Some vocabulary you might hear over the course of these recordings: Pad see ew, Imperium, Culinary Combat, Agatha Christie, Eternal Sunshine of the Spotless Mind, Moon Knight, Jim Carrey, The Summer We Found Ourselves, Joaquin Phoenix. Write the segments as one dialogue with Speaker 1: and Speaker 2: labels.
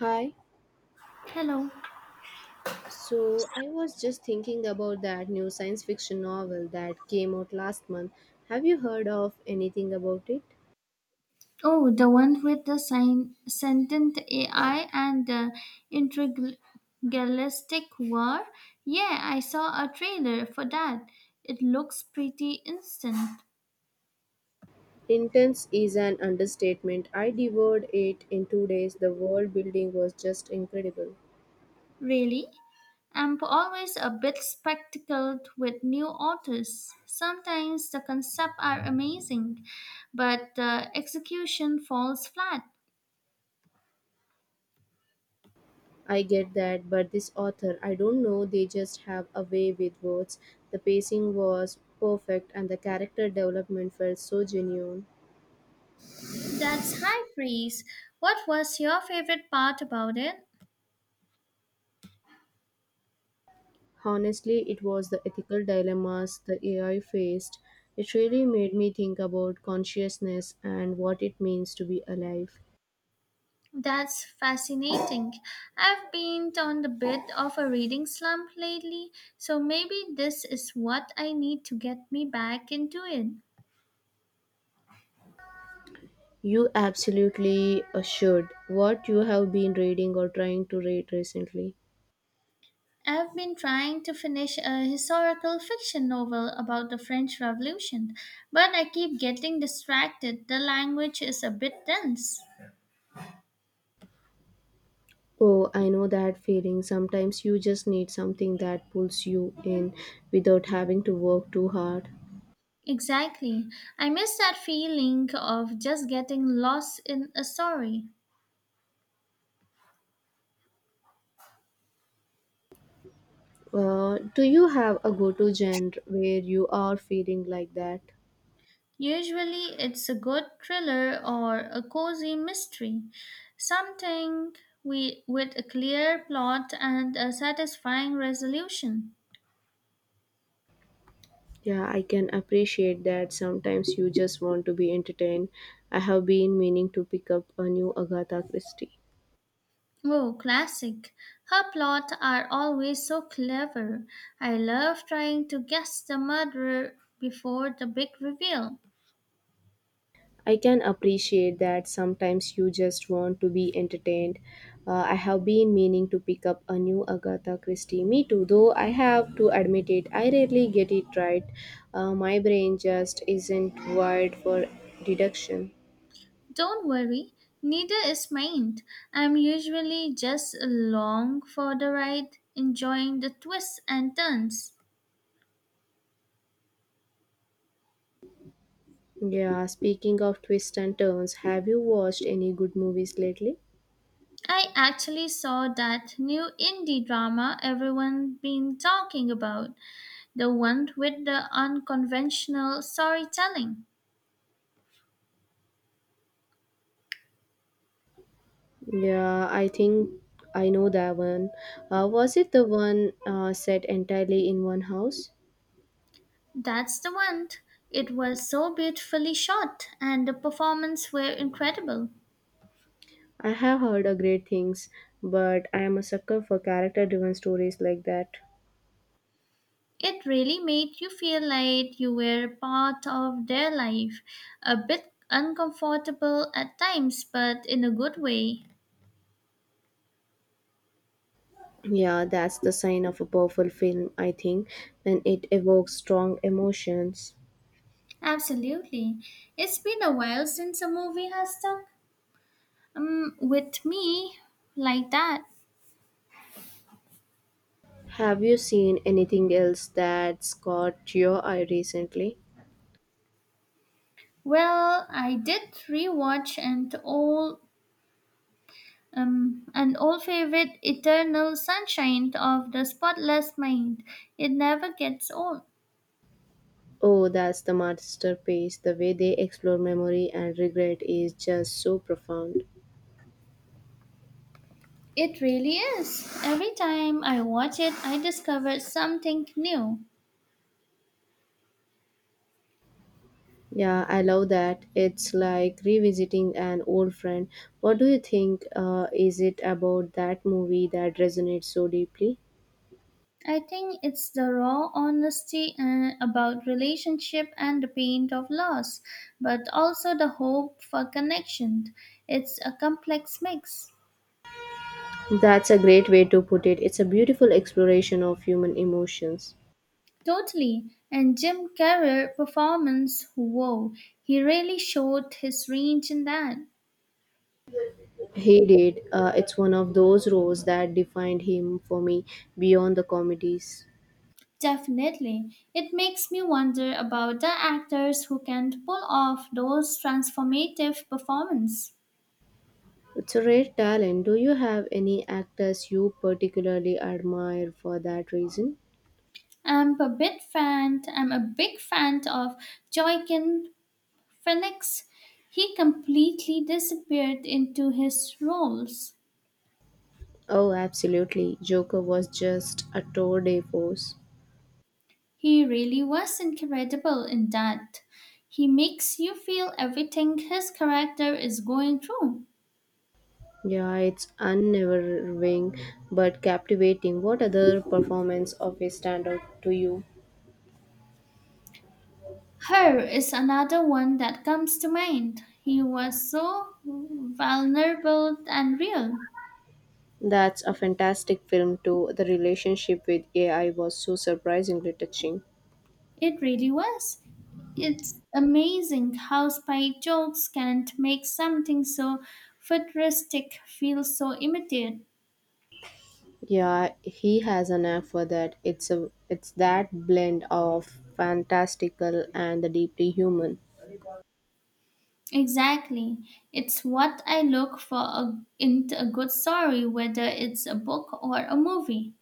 Speaker 1: Hi.
Speaker 2: Hello.
Speaker 1: So I was just thinking about that new science fiction novel that came out last month. Have you heard of anything about it?
Speaker 2: Oh, the one with the sign, sentient AI and the intergalactic war? Yeah, I saw a trailer for that. It looks pretty instant.
Speaker 1: Intense is an understatement. I devoured it in 2 days. The world building was just incredible.
Speaker 2: Really? I'm always a bit spectacled with new authors. Sometimes the concepts are amazing, but the execution falls flat.
Speaker 1: I get that, but this author, I don't know, they just have a way with words. The pacing was perfect and the character development felt so genuine.
Speaker 2: That's high praise. What was your favorite part about it?
Speaker 1: Honestly, it was the ethical dilemmas the AI faced. It really made me think about consciousness and what it means to be alive.
Speaker 2: That's fascinating. I've been on a bit of a reading slump lately, so maybe this is what I need to get me back into it.
Speaker 1: You absolutely should. What you have been reading or trying to read recently?
Speaker 2: I've been trying to finish a historical fiction novel about the French Revolution, but I keep getting distracted. The language is a bit dense.
Speaker 1: Oh, I know that feeling. Sometimes you just need something that pulls you in without having to work too hard.
Speaker 2: Exactly. I miss that feeling of just getting lost in a story.
Speaker 1: Do you have a go to genre where you are feeling like that?
Speaker 2: Usually, it's a good thriller or a cozy mystery, something with a clear plot and a satisfying resolution.
Speaker 1: Yeah, I can appreciate that. Sometimes you just want to be entertained. I have been meaning to pick up a new Agatha Christie.
Speaker 2: Oh, classic. Her plots are always so clever. I love trying to guess the murderer before the big reveal.
Speaker 1: I can appreciate that sometimes you just want to be entertained. I have been meaning to pick up a new Agatha Christie. Me too, though I have to admit it, I rarely get it right. My brain just isn't wired for deduction.
Speaker 2: Don't worry, neither is mine. I'm usually just along for the ride, enjoying the twists and turns.
Speaker 1: Yeah, speaking of twists and turns, have you watched any good movies lately?
Speaker 2: I actually saw that new indie drama everyone been talking about, the one with the unconventional storytelling.
Speaker 1: Yeah, I think I know that one. Was it the one set entirely in one house?
Speaker 2: That's the one. It was so beautifully shot and the performance were incredible.
Speaker 1: I have heard a great things, but I am a sucker for character-driven stories like that.
Speaker 2: It really made you feel like you were part of their life, a bit uncomfortable at times but in a good way.
Speaker 1: Yeah, that's the sign of a powerful film, I think, when it evokes strong emotions.
Speaker 2: Absolutely. It's been a while since a movie has done with me, like that.
Speaker 1: Have you seen anything else that's caught your eye recently?
Speaker 2: Well, I did rewatch and all an old favorite, Eternal Sunshine of the Spotless Mind. It never gets old.
Speaker 1: Oh, that's the masterpiece. The way they explore memory and regret is just so profound.
Speaker 2: It really is. Every time I watch it, I discover something new.
Speaker 1: Yeah, I love that. It's like revisiting an old friend. What do you think is it about that movie that resonates so deeply?
Speaker 2: I think it's the raw honesty about relationship and the pain of loss, but also the hope for connection. It's a complex mix.
Speaker 1: That's a great way to put it. It's a beautiful exploration of human emotions.
Speaker 2: Totally. And Jim Carrey performance, whoa, he really showed his range in that.
Speaker 1: He did. It's one of those roles that defined him for me beyond the comedies.
Speaker 2: Definitely. It makes me wonder about the actors who can pull off those transformative performances.
Speaker 1: It's a rare talent. Do you have any actors you particularly admire for that reason?
Speaker 2: I'm a big fan of Joaquin Phoenix. He completely disappeared into his roles.
Speaker 1: Oh, absolutely. Joker was just a tour de force.
Speaker 2: He really was incredible in that. He makes you feel everything his character is going through.
Speaker 1: Yeah, it's unnerving but captivating. What other performance of his stand out to you?
Speaker 2: Her is another one that comes to mind. He was so vulnerable and real.
Speaker 1: That's a fantastic film too. The relationship with AI was so surprisingly touching.
Speaker 2: It really was. It's amazing how spike jokes can make something so futuristic feel so immediate.
Speaker 1: Yeah, he has an knack for that. It's that blend of fantastical and the deeply human.
Speaker 2: Exactly. It's what I look for in a good story, whether it's a book or a movie.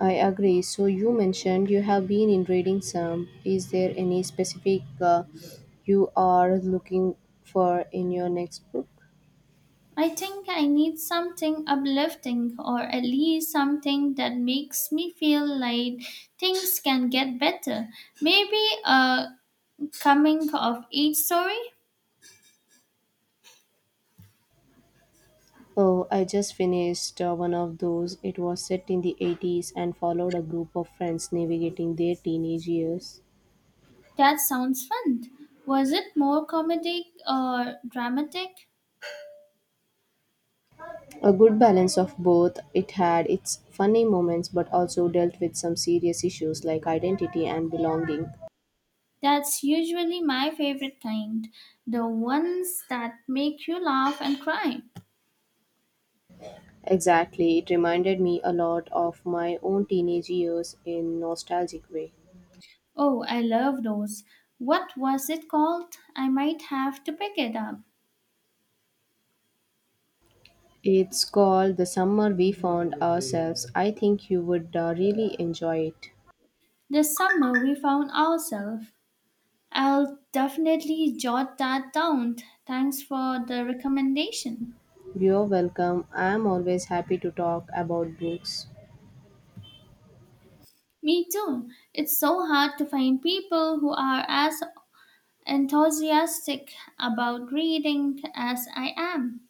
Speaker 1: I agree. So you mentioned you have been in reading some. Is there any specific you are looking for in your next book?
Speaker 2: I think I need something uplifting or at least something that makes me feel like things can get better. Maybe a coming of age story?
Speaker 1: Oh, I just finished one of those. It was set in the 80s and followed a group of friends navigating their teenage years.
Speaker 2: That sounds fun. Was it more comedic or dramatic?
Speaker 1: A good balance of both. It had its funny moments but also dealt with some serious issues like identity and belonging.
Speaker 2: That's usually my favorite kind, the ones that make you laugh and cry.
Speaker 1: Exactly, it reminded me a lot of my own teenage years in nostalgic way.
Speaker 2: Oh, I love those. What was it called? I might have to pick it up.
Speaker 1: It's called The Summer We Found Ourselves. I think you would really enjoy it.
Speaker 2: The summer we found ourselves. I'll definitely jot that down. Thanks for the recommendation.
Speaker 1: You're welcome. I'm always happy to talk about books.
Speaker 2: Me too. It's so hard to find people who are as enthusiastic about reading as I am.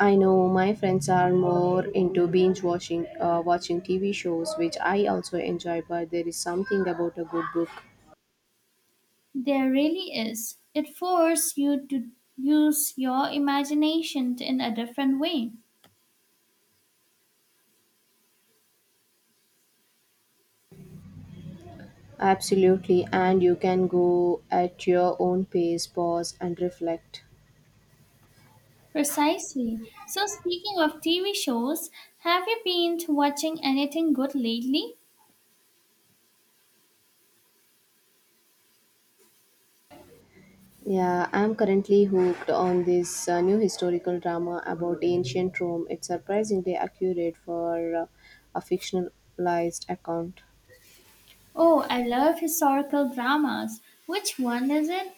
Speaker 1: I know my friends are more into binge watching TV shows, which I also enjoy. But there is something about a good book,
Speaker 2: There really is. It forces you to use your imagination in a different way.
Speaker 1: absolutely, and you can go at your own pace, pause, and reflect.
Speaker 2: Precisely. So, speaking of TV shows, have you been watching anything good lately?
Speaker 1: Yeah, I'm currently hooked on this new historical drama about ancient Rome. It's surprisingly accurate for a fictionalized account.
Speaker 2: Oh, I love historical dramas. Which one is it?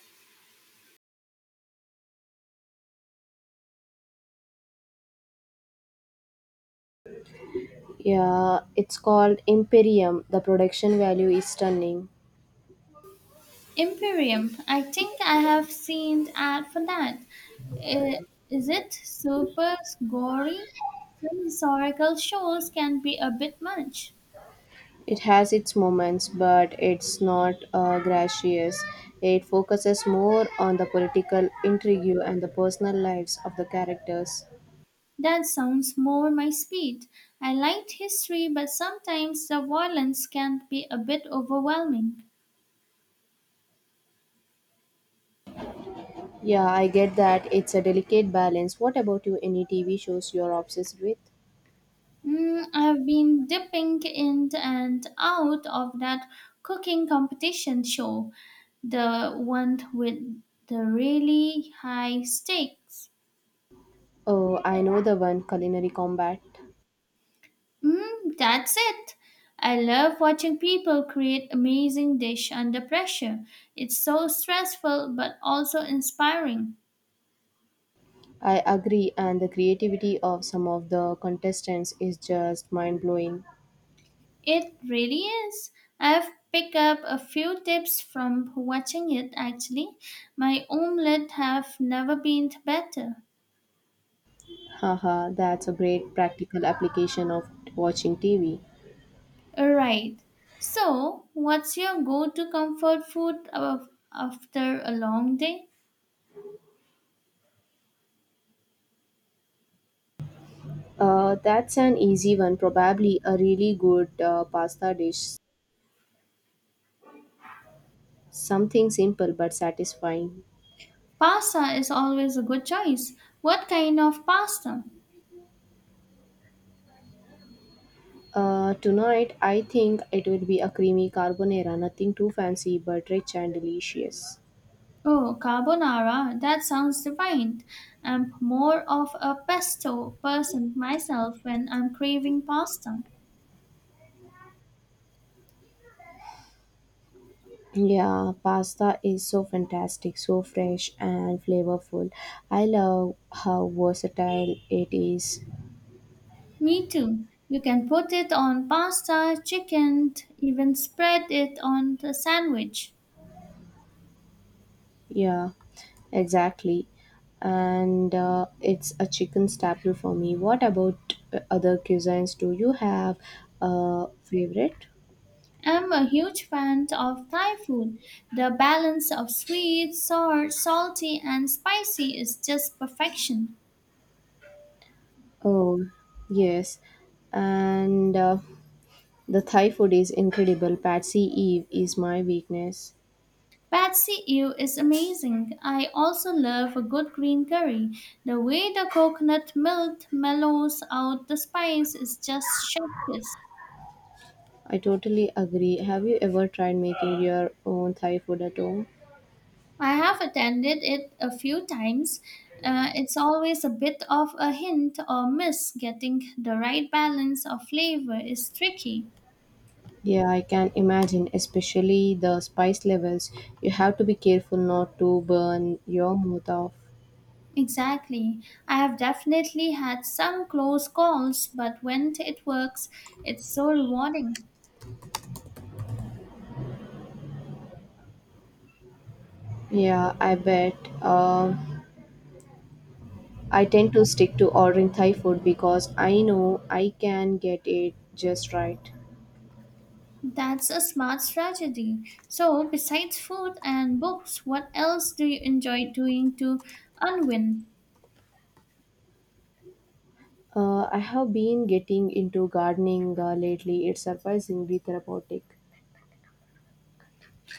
Speaker 1: Yeah, it's called Imperium. The production value is stunning.
Speaker 2: Imperium. I think I have seen ad for that. I- Is it super gory? Some historical shows can be a bit much.
Speaker 1: It has its moments, but it's not gracious. It focuses more on the political intrigue and the personal lives of the characters.
Speaker 2: That sounds more my speed. I liked history, but sometimes the violence can be a bit overwhelming.
Speaker 1: Yeah, I get that. It's a delicate balance. What about you? Any TV shows you're obsessed with?
Speaker 2: Mm, I've been dipping in and out of that cooking competition show, the one with the really high stakes.
Speaker 1: Oh, I know the one, Culinary Combat.
Speaker 2: Mm, that's it. I love watching people create amazing dish under pressure. It's so stressful but also inspiring.
Speaker 1: I agree, and the creativity of some of the contestants is just mind blowing.
Speaker 2: It really is. I've picked up a few tips from watching it actually. My omelette have never been better.
Speaker 1: Haha, that's a great practical application of watching TV.
Speaker 2: Right. So, what's your go to comfort food of- after a long day?
Speaker 1: That's an easy one. Probably a really good pasta dish. Something simple but satisfying.
Speaker 2: Pasta is always a good choice. What kind of pasta?
Speaker 1: Tonight, I think it will be a creamy carbonara. Nothing too fancy, but rich and delicious.
Speaker 2: Oh, carbonara. That sounds divine. I'm more of a pesto person myself when I'm craving pasta.
Speaker 1: Yeah, pasta is so fantastic, so fresh and flavorful. I love how versatile it is.
Speaker 2: Me too. You can put it on pasta, chicken, even spread it on the sandwich.
Speaker 1: Yeah, exactly. And it's a chicken staple for me. What about other cuisines? Do you have a favorite?
Speaker 2: I'm a huge fan of Thai food. The balance of sweet, sour, salty, and spicy is just perfection.
Speaker 1: Oh, yes. And the Thai food is incredible. Patsy Eve is my weakness.
Speaker 2: Pad see ew is amazing. I also love a good green curry. The way the coconut milk mellows out the spice is just chef's.
Speaker 1: I totally agree. Have you ever tried making your own Thai food at home?
Speaker 2: I have attended it a few times. It's always a bit of a hint or miss. Getting the right balance of flavor is tricky.
Speaker 1: Yeah, I can imagine, especially the spice levels. You have to be careful not to burn your mouth off.
Speaker 2: Exactly. I have definitely had some close calls, but when it works, it's so rewarding.
Speaker 1: Yeah, I bet. Um I tend to stick to ordering Thai food because I know I can get it just right.
Speaker 2: That's a smart strategy. So, besides food and books, what else do you enjoy doing to unwind?
Speaker 1: I have been getting into gardening lately. It's surprisingly therapeutic.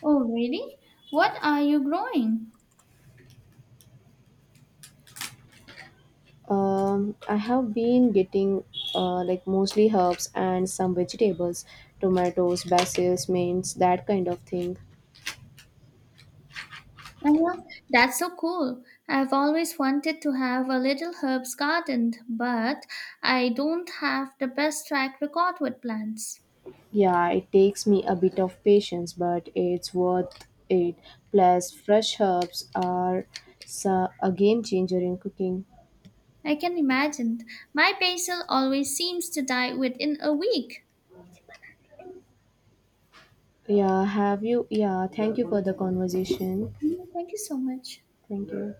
Speaker 2: Oh, really? What are you growing?
Speaker 1: I have been getting like mostly herbs and some vegetables, tomatoes, basil, mints, that kind of thing.
Speaker 2: Uh-huh. That's so cool. I've always wanted to have a little herbs garden, but I don't have the best track record with plants.
Speaker 1: Yeah, it takes me a bit of patience, but it's worth it. Plus, fresh herbs are so- a game changer in cooking.
Speaker 2: I can imagine. My basil always seems to die within a week.
Speaker 1: Yeah, have you? Yeah, thank you for the conversation.
Speaker 2: Mm, thank you so much.
Speaker 1: Thank you.